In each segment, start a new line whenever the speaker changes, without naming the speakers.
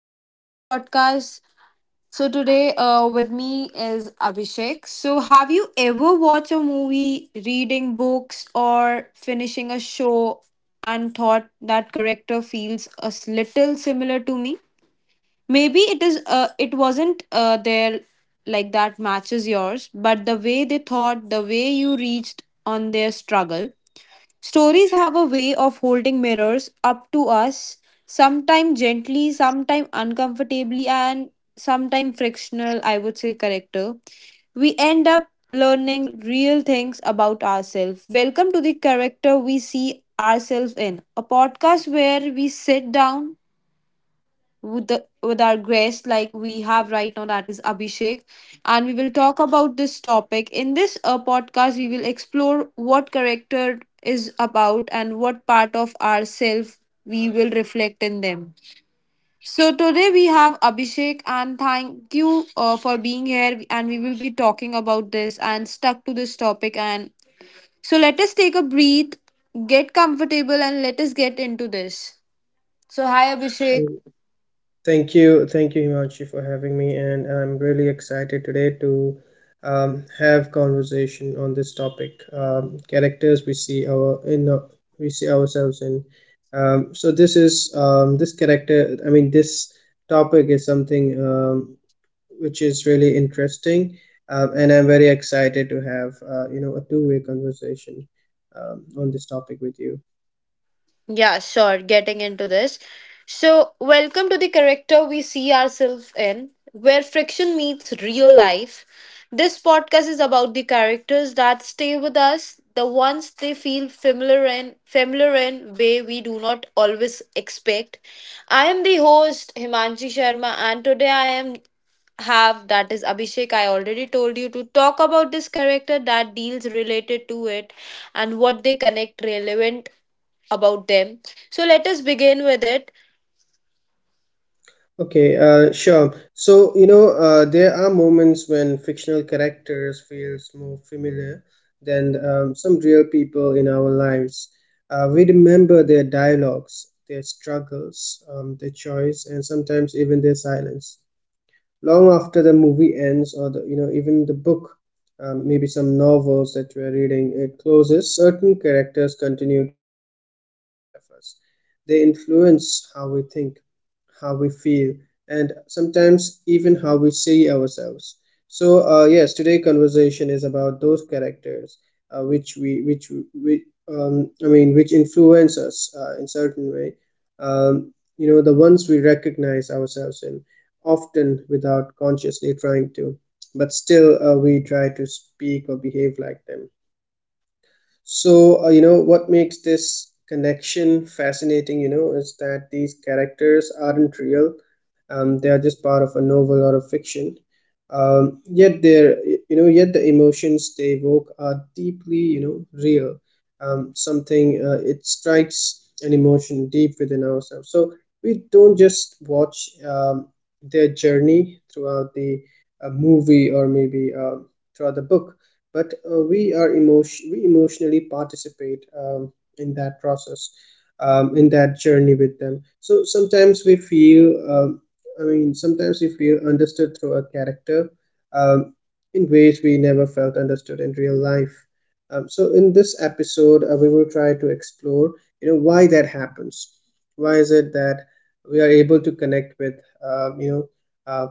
welcome to the podcast. So, today, with me is Abhishek. So, have you ever watched a movie, reading books, or finishing a show and thought that character feels a little similar to me? Maybe it wasn't there like that matches yours, but the way they thought, the way you reached on their struggle. Stories have a way of holding mirrors up to us, sometimes gently, sometimes uncomfortably, and sometimes frictional, I would say, character. We end up learning real things about ourselves. Welcome to the character we see ourselves in, a podcast where we sit down with our guest like we have right now, that is Abhishek, and we will talk about this topic. In this podcast we will explore what character is about and what part of ourself we will reflect in them. So today we have Abhishek, and thank you for being here, and we will be talking about this and stuck to this topic. And so let us take a breath, get comfortable, and let us get into this. So hi, Abhishek.
Mm, thank you, Himanshu, for having me, and I'm really excited today to have conversation on this topic. Characters we see we see ourselves in. So this is this character. This topic is something which is really interesting, and I'm very excited to have you know a two-way conversation on this topic with you.
Yeah, sure. Getting into this. So, welcome to the character we see ourselves in, where friction meets real life. This podcast is about the characters that stay with us, the ones they feel familiar in, familiar in way we do not always expect. I am the host, Himanshi Sharma, and today I am have that is Abhishek. I already told you to talk about this character that deals related to it and what they connect relevant about them. So let us begin with it.
Okay, sure. So, you know, there are moments when fictional characters feels more familiar than some real people in our lives. We remember their dialogues, their struggles, their choice, and sometimes even their silence long after the movie ends or the you know even the book. Maybe some novels that we're reading it closes, certain characters continue to live inside of us. They influence how we think, how we feel, and sometimes even how we see ourselves. So yes, today conversation is about those characters which we I mean which influence us in certain way. um, you know, the ones we recognize ourselves in, often without consciously trying to, but still we try to speak or behave like them. So, you know, what makes this connection fascinating, you know, is that these characters aren't real. They are just part of a novel or a fiction. Yet they're, you know, yet the emotions they evoke are deeply, you know, real. Something it strikes an emotion deep within ourselves. So we don't just watch their journey throughout the movie, or maybe throughout the book, but we emotionally participate in that process, in that journey with them. So sometimes we feel um, understood through a character um, in ways we never felt understood in real life. So in this episode we will try to explore, you know, why that happens, why is it that we are able to connect with uh,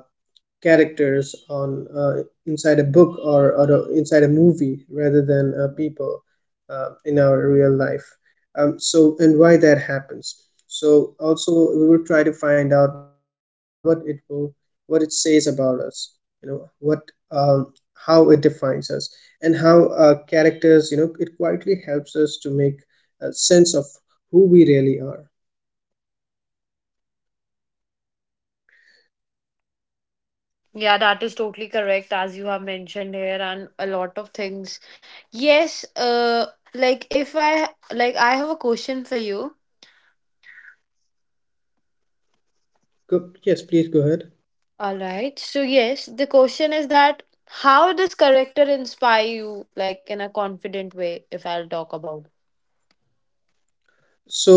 characters on inside a book or inside a movie rather than people in our real life. So and why that happens. So also we will try to find out what it will, what it says about us, you know what, how it defines us, and how characters, you know, it quietly helps us to make a sense of who we really are.
Yeah, that is totally correct, as you have mentioned here, and a lot of things. Yes, like if I like I have a question for you.
Go, yes, please go ahead.
All right. So yes, the question is that how does character inspire you, like in a confident way if I'll talk about.
So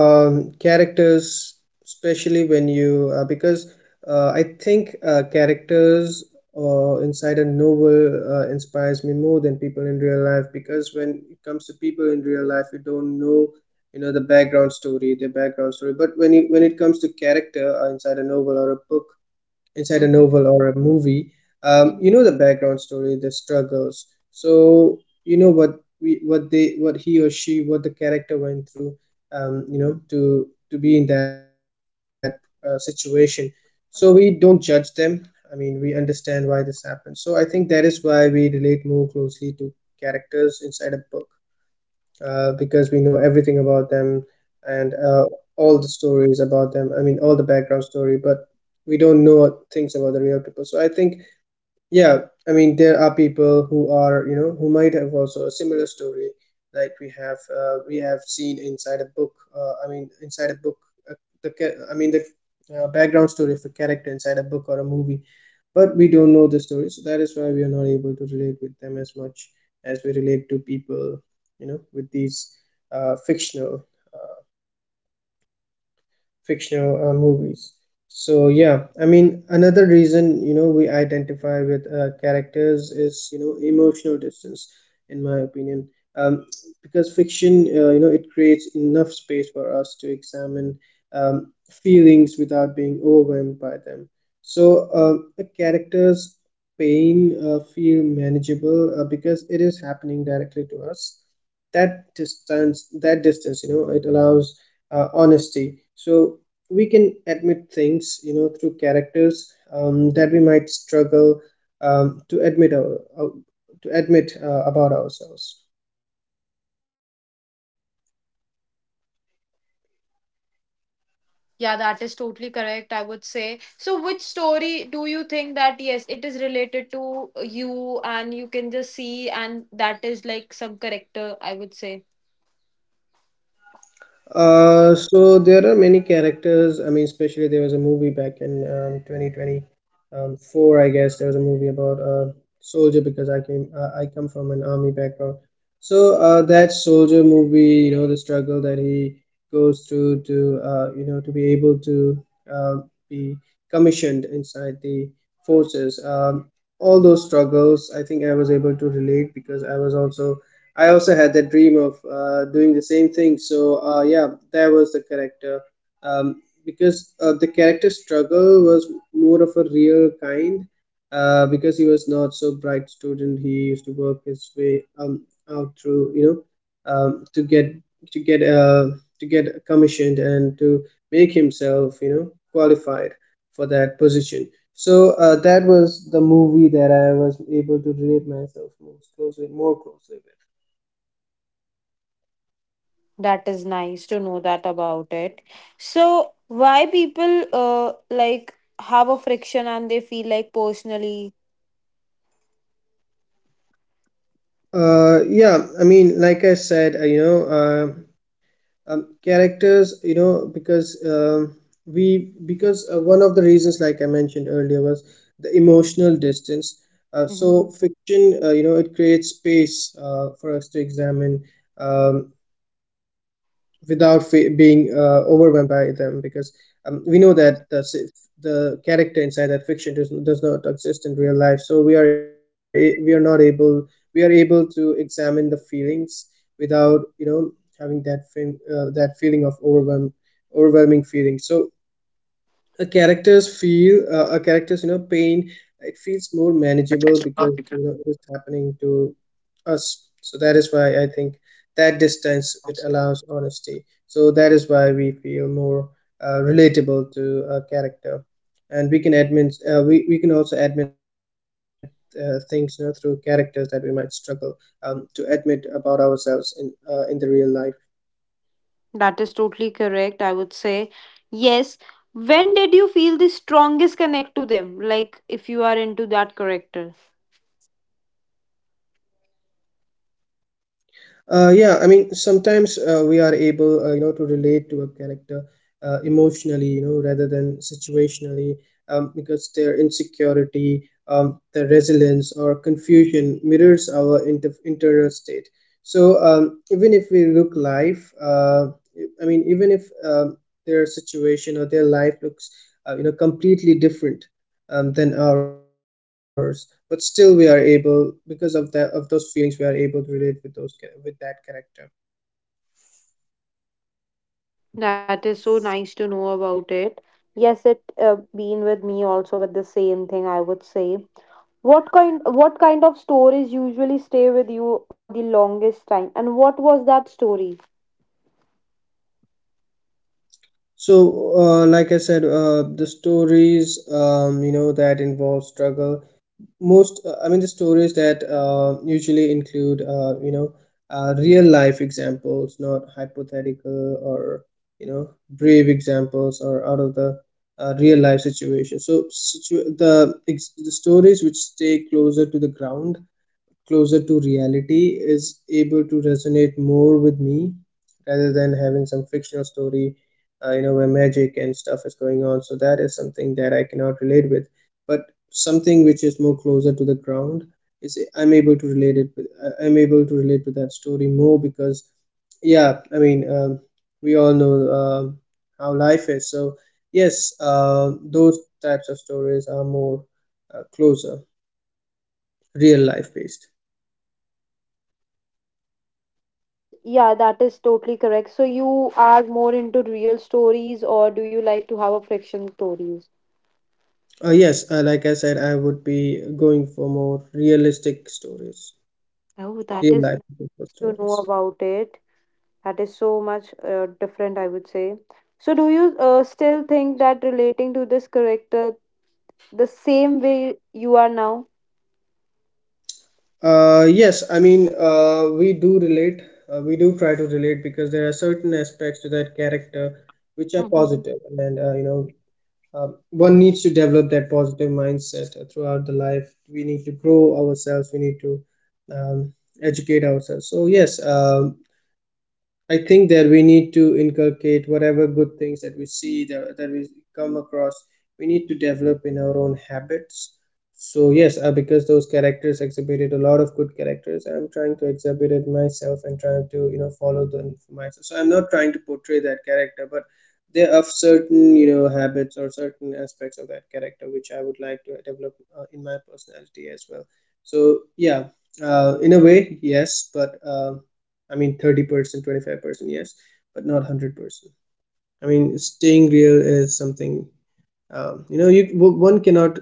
characters, especially when you because I think characters inside a novel inspires me more than people in real life, because when it comes to people in real life, you don't know, you know, the background story, their background story. But when it comes to character inside a
Mhm,
novel or a movie, you
mhm.
know the background story, the struggles. So you know what he or she, what the character went through you know to be in that situation. So we don't judge them. I mean, we understand why this happened. So I think that is why we relate more closely to characters inside a book, because we know everything about them, and all the stories about them. I mean, all the background story, but we don't know things about the real people. So I think, yeah, I mean, there are people who are, you know, who might have also a similar story, like we have seen inside a book. I mean, inside a book, uh, the, ca- I mean, the background story of a character inside a book or a movie, but we don't know the story. So that is why we are not able to relate with them as much as we relate to people, you know, with these uh, fictional uh, fictional movies. So yeah, I mean, another reason, you know, we identify with characters is, you know, emotional distance, in my opinion. um, because fiction, you know, it creates enough space for us to examine um, feelings without being overwhelmed by them. So um a character's pain feel manageable because it is happening directly to us. That distance, that distance, you know, it allows honesty. So we can admit things, you know, through characters, that we might struggle um, to admit our, our- to admit about ourselves.
Yeah, that is totally correct, I would say. So, which story do you think that yes, it is related to you and you can just see, and that is like some character, I would say?
So there are many characters. I mean, especially there was a movie back in 2024, I guess. There was a movie about a soldier, because I came, I come from an army background. So that soldier movie, you know, the struggle that he goes through to, you know, to be able to um be commissioned inside the forces. All those struggles, I think I was able to relate, because I was also, I also had that dream of doing the same thing. So yeah, that was the character, because the character struggle was more of a real kind, because he was not so bright student. He used to work his way out through you know to get to get uh, to get commissioned and to make himself, you know, qualified for that position. So that was the movie that I was able to relate myself most closely, more closely with.
That is nice to know that about it. So, why people like have a friction and they feel like personally?
Yeah, I mean, like I said, you know, characters, you know, because we because one of the reasons, like I mentioned earlier, was the emotional distance. So
Mhm.
fiction, you know, it creates space for us to examine um, without being overwhelmed by them, because we know that the the character inside that fiction does not exist in real life. So we are a- we are not able we are able to examine the feelings without, you know, having that that feeling of overwhelm, overwhelming feeling. So a characters, you know, pain, it feels more manageable, because you know it's happening to us. So that is why I think that distance, it allows honesty. So that is why we feel more relatable to a character, and we can admit we can also admit things, you know, through characters that we might struggle to admit about ourselves in the real life.
That is totally correct, I would say, yes. When did you feel the strongest connect to them? Like, if you are into that character,
Yeah, I mean, sometimes we are able, you know, to relate to a character emotionally, you know, rather than situationally, because their insecurity, their resilience, or confusion mirrors our internal state. So even if we look life, I mean, even if their situation or their life looks, you know, completely different than ours, but still we are able, because of that, of those feelings, we are able to relate with with that character.
that is so nice to know about it. Yes, it been with me also with the same thing. I would say, what kind of stories usually stay with you for the longest time, and what was that story?
So like I said, the stories you know that involve struggle most, I mean the stories that usually include you know real life examples, not hypothetical or you know brave examples or out of the real life situation. So the stories which stay closer to the ground, closer to reality, is able to resonate more with me, rather than having some fictional story, you know, where magic and stuff is going on. So that is something that I cannot relate with, but something which is more closer to the ground, is I'm able to relate it with. I'm able to relate to that story more, because yeah, I mean, we all know um how life is. So yes, those types of stories are more closer, real life based.
Yeah, that is totally correct. So you are more into real stories, or do you like to have a friction stories?
Yes, like I said, I would be going for more realistic stories,
Oh, that
real
is
life people
nice to know
stories.
about it. That is so much different, I would say. So, do you still think that relating to this character the same way you are now?
Yes, I mean, we do relate. We do try to relate, because there are certain aspects to that character which are
Hmm.
positive, and you know, one needs to develop that positive mindset throughout the life. We need to grow ourselves. We need to um, educate ourselves. So yes, I think that we need to inculcate whatever good things that we see that we come across. We need to develop in our own habits. So yes, because those characters exhibited a lot of good characters, I'm trying to exhibit it myself and trying to, you know, follow them for myself. So I'm not trying to portray that character, but there are certain, you know, habits or certain aspects of that character which I would like to develop in my personality as well. So yeah, in a way, yes, but. I mean, 30%, 25%, yes, but not 100%. I mean, staying real is something, you one cannot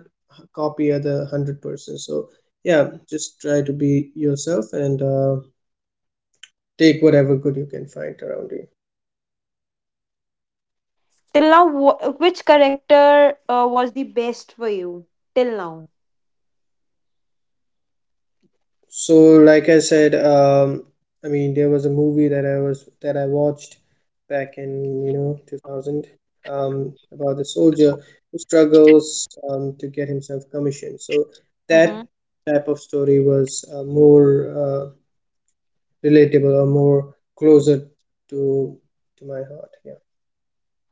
copy other 100%. So, yeah, just try to be yourself and take whatever good you can find around you.
Till now, which character was the best for you? Till now.
Like I said, there was a movie that I was that I watched back in 2000, about the soldier who struggles to get himself commissioned. So that
Mm-hmm.
type of story was more relatable or more closer to to my heart, yeah.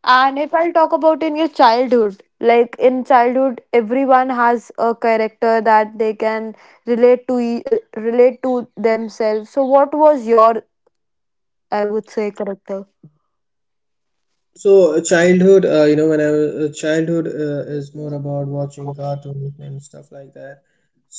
And if I'll talk about in your childhood, like in childhood, everyone has a character that they can relate to themselves. So, what was your, I would say, character?
So childhood, when I was childhood is more about watching cartoons and stuff like that.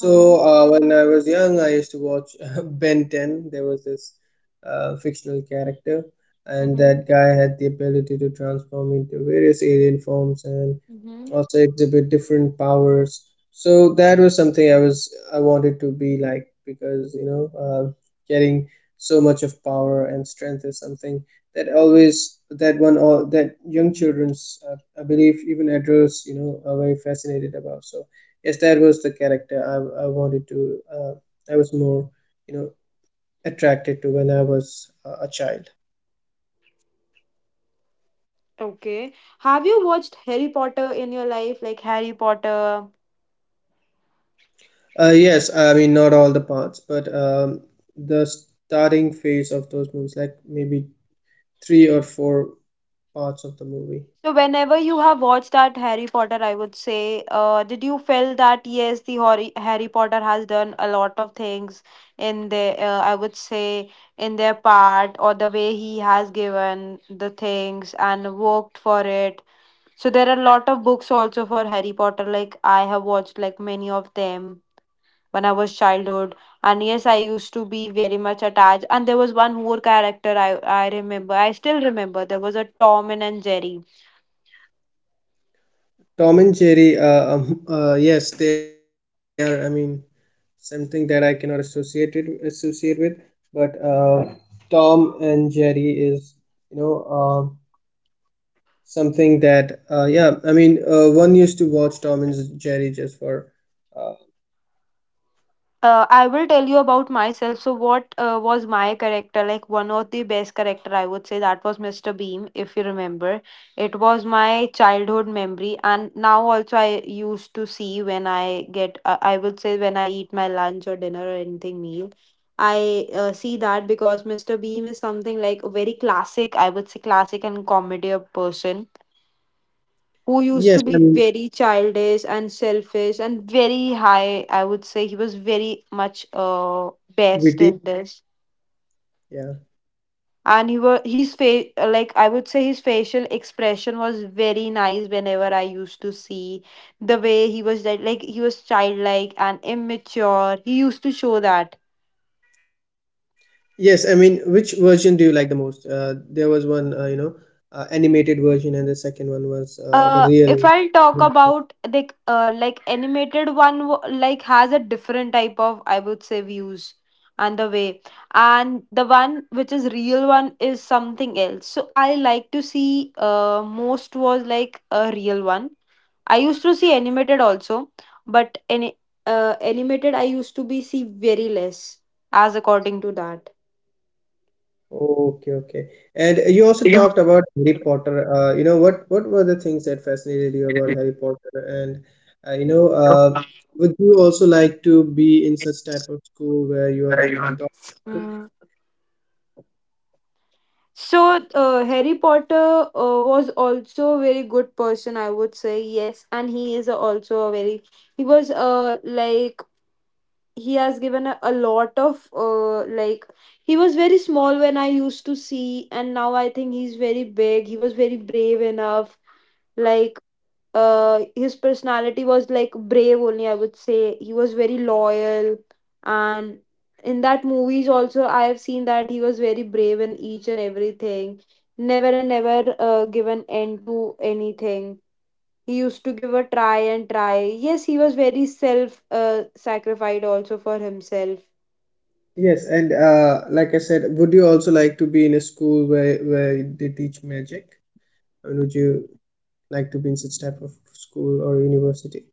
Mhm.
when I was young, I used to watch Ben 10. There was this fictional character, and
Mhm.
that guy had the ability to transform into various alien forms and
Mhm.
also exhibit different powers. So that was something I wanted to be like, because getting so much of power and strength is something that always that one all that young children's, I believe even adults, are very fascinated about. So yes, that was the character I wanted to I was more, you know attracted to when I was a child.
Okay. Have you watched Harry Potter in your life? Like Harry Potter.
Yes, I mean, not all the parts, but the starting phase of those movies, like maybe three or four parts of the movie.
So whenever you have watched that Harry Potter, I would say, did you feel that yes, the Harry Potter has done a lot of things in their, I would say, in their part or the way he has given the things and worked for it. So there are a lot of books also for Harry Potter. Like I have watched like many of them when I was childhood. And yes, I used to be very much attached. And there was one more character I remember. I still remember. There was a Tom and Jerry.
Tom and Jerry, yes, they are. I mean, something that I cannot associate with, but Tom and Jerry is, you know, um something that yeah. I mean, one used to watch Tom and Jerry just for uh,
I will tell you about myself. So, what was my character? Like, one of the best character, I would say, that was Mr. Beam, if you remember. It was my childhood memory. And now also, I used to see when I get, I would say, when I eat my lunch or dinner or anything meal. I see that because Mr. Beam is something like a very classic, I would say, classic and comedy person who used to
yes,
be
I mean,
very childish and selfish and very high. I would say he was very much best
witty,
in this.
yeah.
And he was his face, like I would say, his facial expression was very nice whenever I used to see the way he was like he was childlike and immature. He used to show that.
Yes, I mean, which version do you like the most? There was one, animated version, and the second one was the real.
If I'll talk about like animated one like has a different type of I would say views and the way, and the one which is real one is something else. So I like to see most was like a real one. I used to see animated also, but any animated I used to be see very less as according to that.
Okay, okay. And you also talked about Harry Potter. What were the things that fascinated you about Harry Potter? And uh, you know, uh, would you also like to be in such type of school where you are taught?
So, Harry Potter was also a very good person, I would say, yes. And he is also a very, he was like, he has given a lot of, like, he was very small when I used to see, and now I think he's very big. He was very brave enough. Like, his personality was like brave only, I would say. He was very loyal, and in that movies also I have seen that he was very brave in each and everything. Never and never give an end to anything. He used to give a try and try. Yes, he was very self sacrificed also for himself.
Yes, and like I said, would you also like to be in a school where they teach magic? I mean, would you like to be in such type of school or university?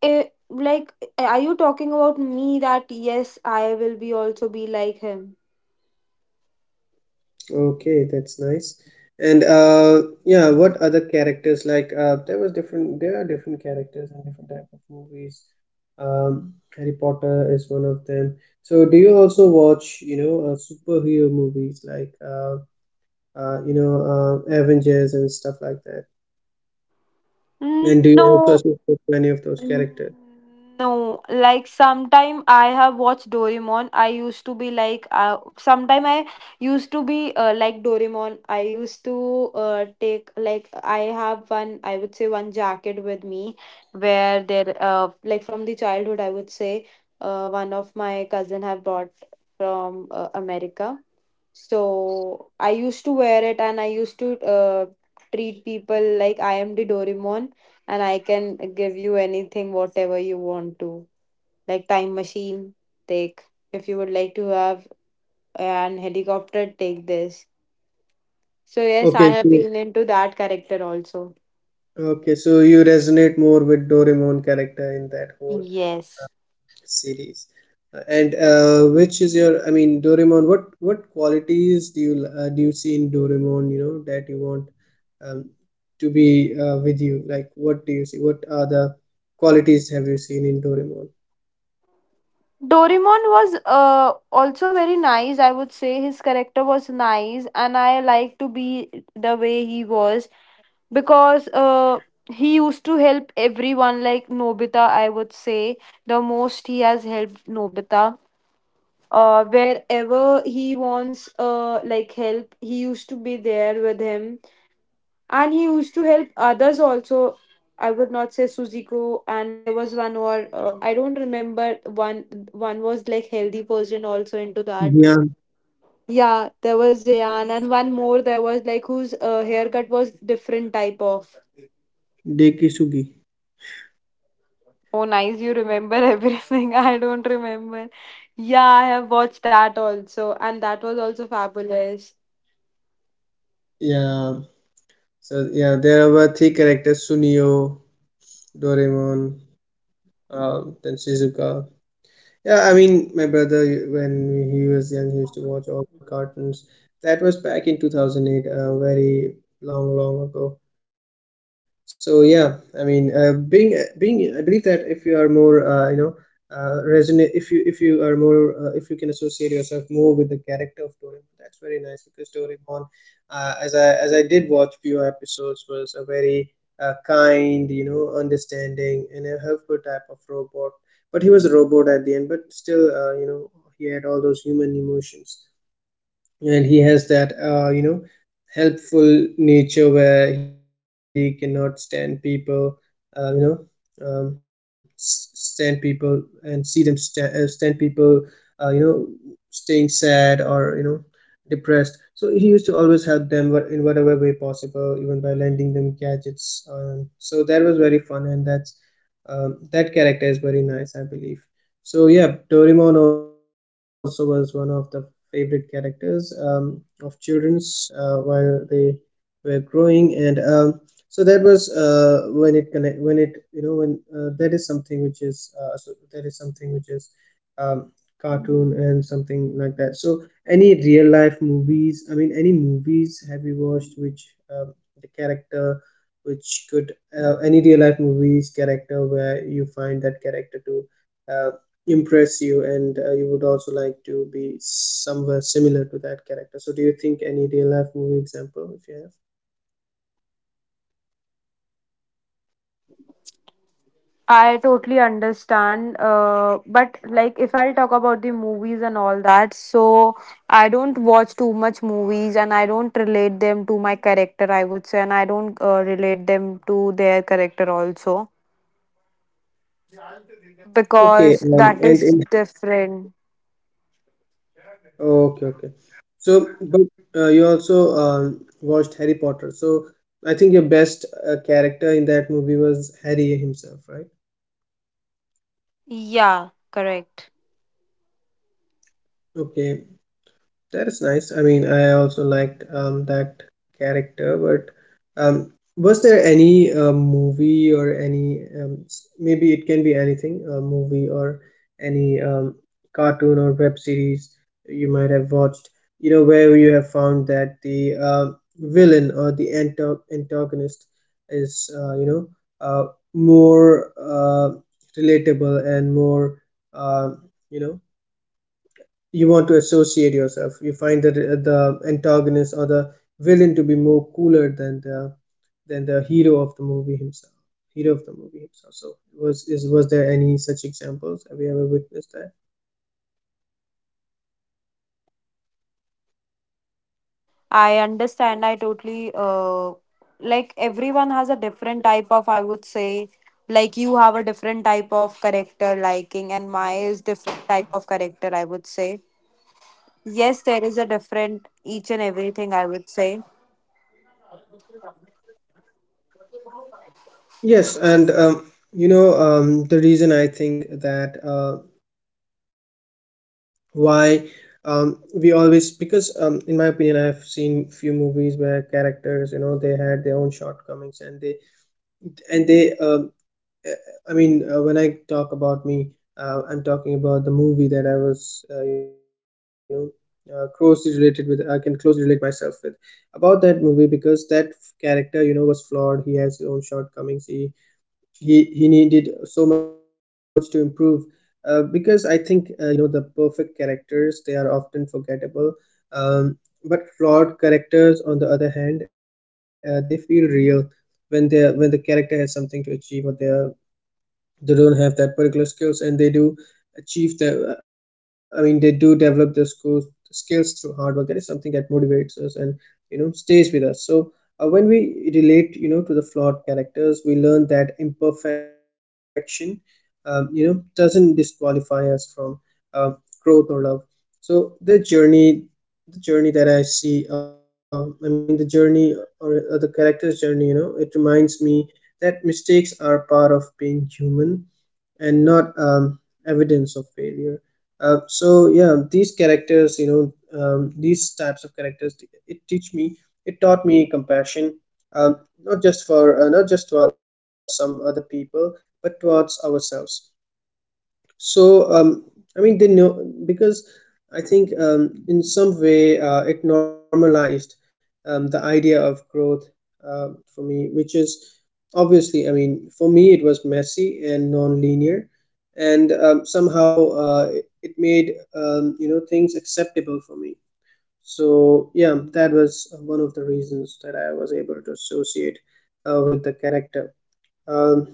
Eh, like are you talking about me that yes, I will be also be like him?
Okay, that's nice. And yeah, what other characters, like there was different, there are different characters and different type of movies. Harry Potter is one of them. So do you also watch, superhero movies like uh you know uh, Avengers and stuff like that?
Mm,
And do you also
no.
associate to any of those
Mm,
characters?
no, like sometime I have watched Doraemon. I used to be like, sometime I used to be like Doraemon. I used to take like I have one, I would say, one jacket with me, where there like from the childhood, I would say, uh, one of my cousin have bought from America, so I used to wear it, and I used to treat people like I am the Doraemon and I can give you anything, whatever you want to. Like time machine, take. If you would like to have an helicopter, take this. So yes,
Okay,
I have
so,
been into that character also.
okay, so you resonate more with Doraemon character in that whole
Yes.
series. And which is your, I mean, Doraemon. What qualities do you see in Doraemon? You know that you want, um, to be with you. Like, what do you see? What are the qualities have you seen in Doraemon?
Doraemon was also very nice. I would say his character was nice, and I like to be the way he was, because he used to help everyone, like Nobita. I would say the most he has helped Nobita. Wherever he wants, like help, he used to be there with him, and he used to help others also. I would not say Suziko, and there was one or I don't remember one. Was like healthy person also into that.
Yeah,
Yeah, there was Jayan, and one more, there was like whose haircut was different type of.
Dekisugi.
Oh, nice. You remember everything. I don't remember. Yeah, I have watched that also, and that was also fabulous.
Yeah. So yeah, there were three characters: Sunio, Doraemon, then Shizuka. Yeah, I mean, my brother, when he was young, he used to watch all the cartoons. That was back in 2008, very long, long ago. So yeah, I mean, being being, I believe that if you are more, resonate, if you are more, if you can associate yourself more with the character of Doraemon, that's very nice. Because Doraemon, as I did watch few episodes, was a very kind, understanding and a helpful type of robot. But he was a robot at the end, but still he had all those human emotions, and he has that helpful nature where he cannot stand people, uh, you know stand people and see them stand people, uh, you know staying sad or depressed. So he used to always help them in whatever way possible, even by lending them gadgets. So that was very fun, and that's, that character is very nice, I believe. So yeah, Doraemon also was one of the favorite characters of childrens while they were growing. And that was when it connect when it you know when that is something which is so that is something which is um, cartoon and something like that. So any real life movies? I mean, any movies have you watched which the character which could any real life movies character where you find that character to uh, impress you, and you would also like to be somewhere similar to that character. So do you think any real life movie example if you have?
I totally understand. But like if I'll talk about the movies and all that, so I don't watch too much movies, and I don't relate them to my character, I would say, and I don't relate them to their character also,
Okay,
because that is different.
okay, okay. So but you also watched Harry Potter. So I think your best character in that movie was Harry himself, right?
Yeah, correct.
Okay. That is nice. I mean, I also liked that character, but um, was there any movie or any maybe it can be anything, a movie or any cartoon or web series you might have watched, you know, where you have found that the villain or the anto antagonist is, uh, more relatable and more, uh, you know, you want to associate yourself. You find that the antagonist or the villain to be more cooler than the hero of the movie himself. Hero of the movie himself. So was there any such examples? Have you ever witnessed that?
I understand. I totally. Like everyone has a different type of, I would say, like you have a different type of character liking and my is different type of character, I would say. Yes, there is a different each and everything, I would say.
Yes, and the reason I think that why, we always, because in my opinion, I've seen few movies where characters, you know, they had their own shortcomings, and they uh, I mean, when I talk about me, I'm talking about the movie that I was, closely related with. I can closely relate myself with about that movie, because that character, you know, was flawed. He has his own shortcomings. He needed so much to improve. Because I think the perfect characters they are often forgettable, um, but flawed characters on the other hand they feel real. When the character has something to achieve, or they are, they don't have that particular skills, and they do develop the skills skills through hard work. That is something that motivates us and, stays with us. So when we relate, to the flawed characters, we learn that imperfection, doesn't disqualify us from, um growth or love. So the journey, that I see, the character's journey, you know, it reminds me that mistakes are part of being human, and not evidence of failure. So yeah, these characters, you know, these types of characters, it teach me, it taught me compassion, um, not just for, not just towards some other people, but towards ourselves. So, I mean, they know, because I think in some way it normalized the idea of growth for me, which is obviously, I mean, for me it was messy and non-linear, and somehow it, it made, things acceptable for me. So, yeah, that was one of the reasons that I was able to associate with the character. Um,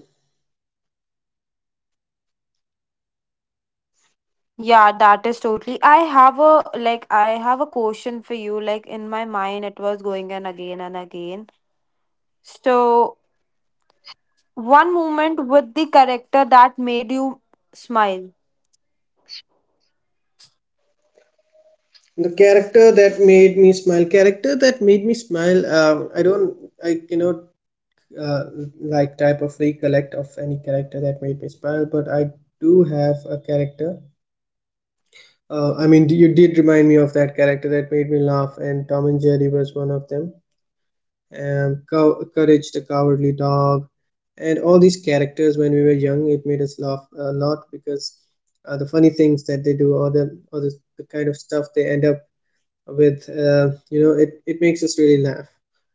Yeah, that is totally. I have a like I have a question for you, like in my mind it was going and again and again. So, one moment with the character that made you smile.
the character that made me smile character that made me smile, I don't, I cannot uh, like type of recollect of any character that made me smile. But I do have a character, I mean, you did remind me of that character that made me laugh, and Tom and Jerry was one of them, Courage the Cowardly Dog. And all these characters when we were young, it made us laugh a lot, because the funny things that they do, or the kind of stuff they end up with, it, it makes us really laugh.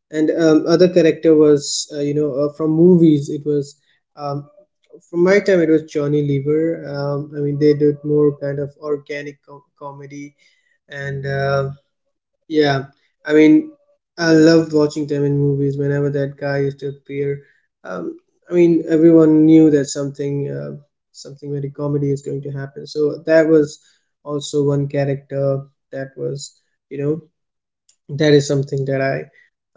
And other character was, from movies, it was, um, from my time, it was Johnny Lever. I mean, they did more kind of comedy, and yeah, I mean, I loved watching them in movies. Whenever that guy used to appear, um, I mean, everyone knew that something, something very comedy is going to happen. So that was also one character that was, you know, that is something that I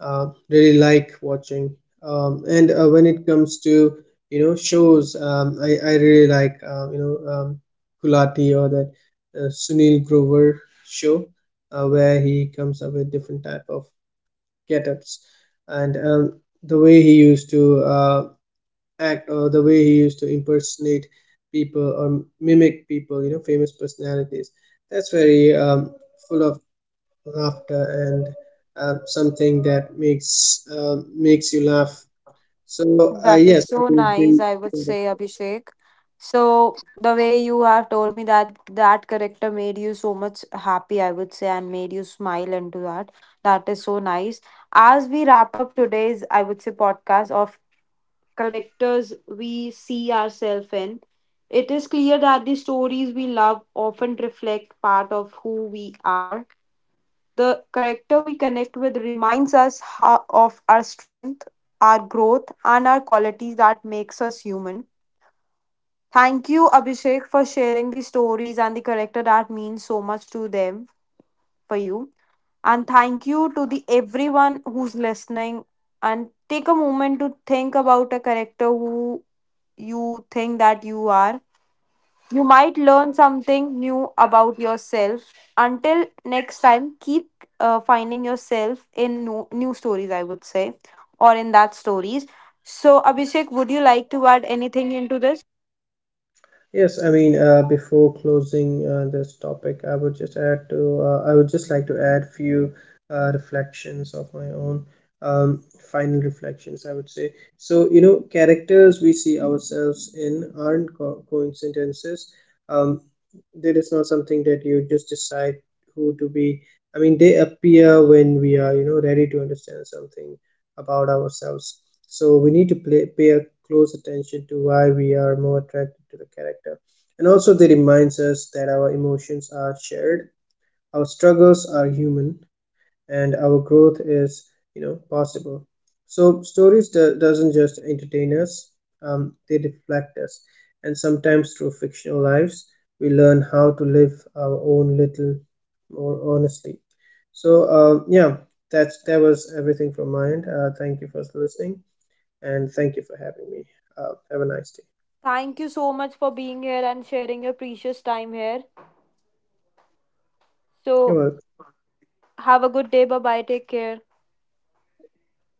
really like watching. And when it comes to, shows, I really like, Gulati, or that Sunil Grover show, where he comes up with different type of get-ups. And the way he used to act, or the way he used to impersonate people, or mimic people, you know, famous personalities. That's very full of laughter, and something that makes you laugh. So
That is
yes, I
so
would
nice,
be-
I would say, Abhishek. So the way you have told me that that character made you so much happy, I would say, and made you smile into that. That is so nice. As we wrap up today's, I would say, podcast of characters we see ourselves in, it is clear that the stories we love often reflect part of who we are. The character we connect with reminds us how, of our strength, our growth, and our qualities that makes us human. Thank you, Abhishek, for sharing the stories and the character that means so much to them, for you. And thank you to the everyone who's listening. And take a moment to think about a character who you think that you are. You might learn something new about yourself. Until next time, keep finding yourself in new stories, I would say, or in that stories. So, Abhishek, would you like to add anything into this?
Yes, I mean, before closing this topic, I would just I would just like to add few reflections of my own, um, final reflections, I would say. So, you know, characters we see ourselves in aren't coincidences. Um, that is not something that you just decide who to be. I mean, they appear when we are, you know, ready to understand something about ourselves. So we need to pay a close attention to why we are more attracted to the character. And also, they reminds us that our emotions are shared, our struggles are human, and our growth is, possible. So doesn't just entertain us, they reflect us. And sometimes, through fictional lives, we learn how to live our own little more honestly. So yeah, that was everything from my end. Thank you for listening, and thank you for having me. Have a nice day.
Thank you so much for being here and sharing your precious time here.
You're
So,
welcome.
have a good day. Bye bye. Take care.
Bye.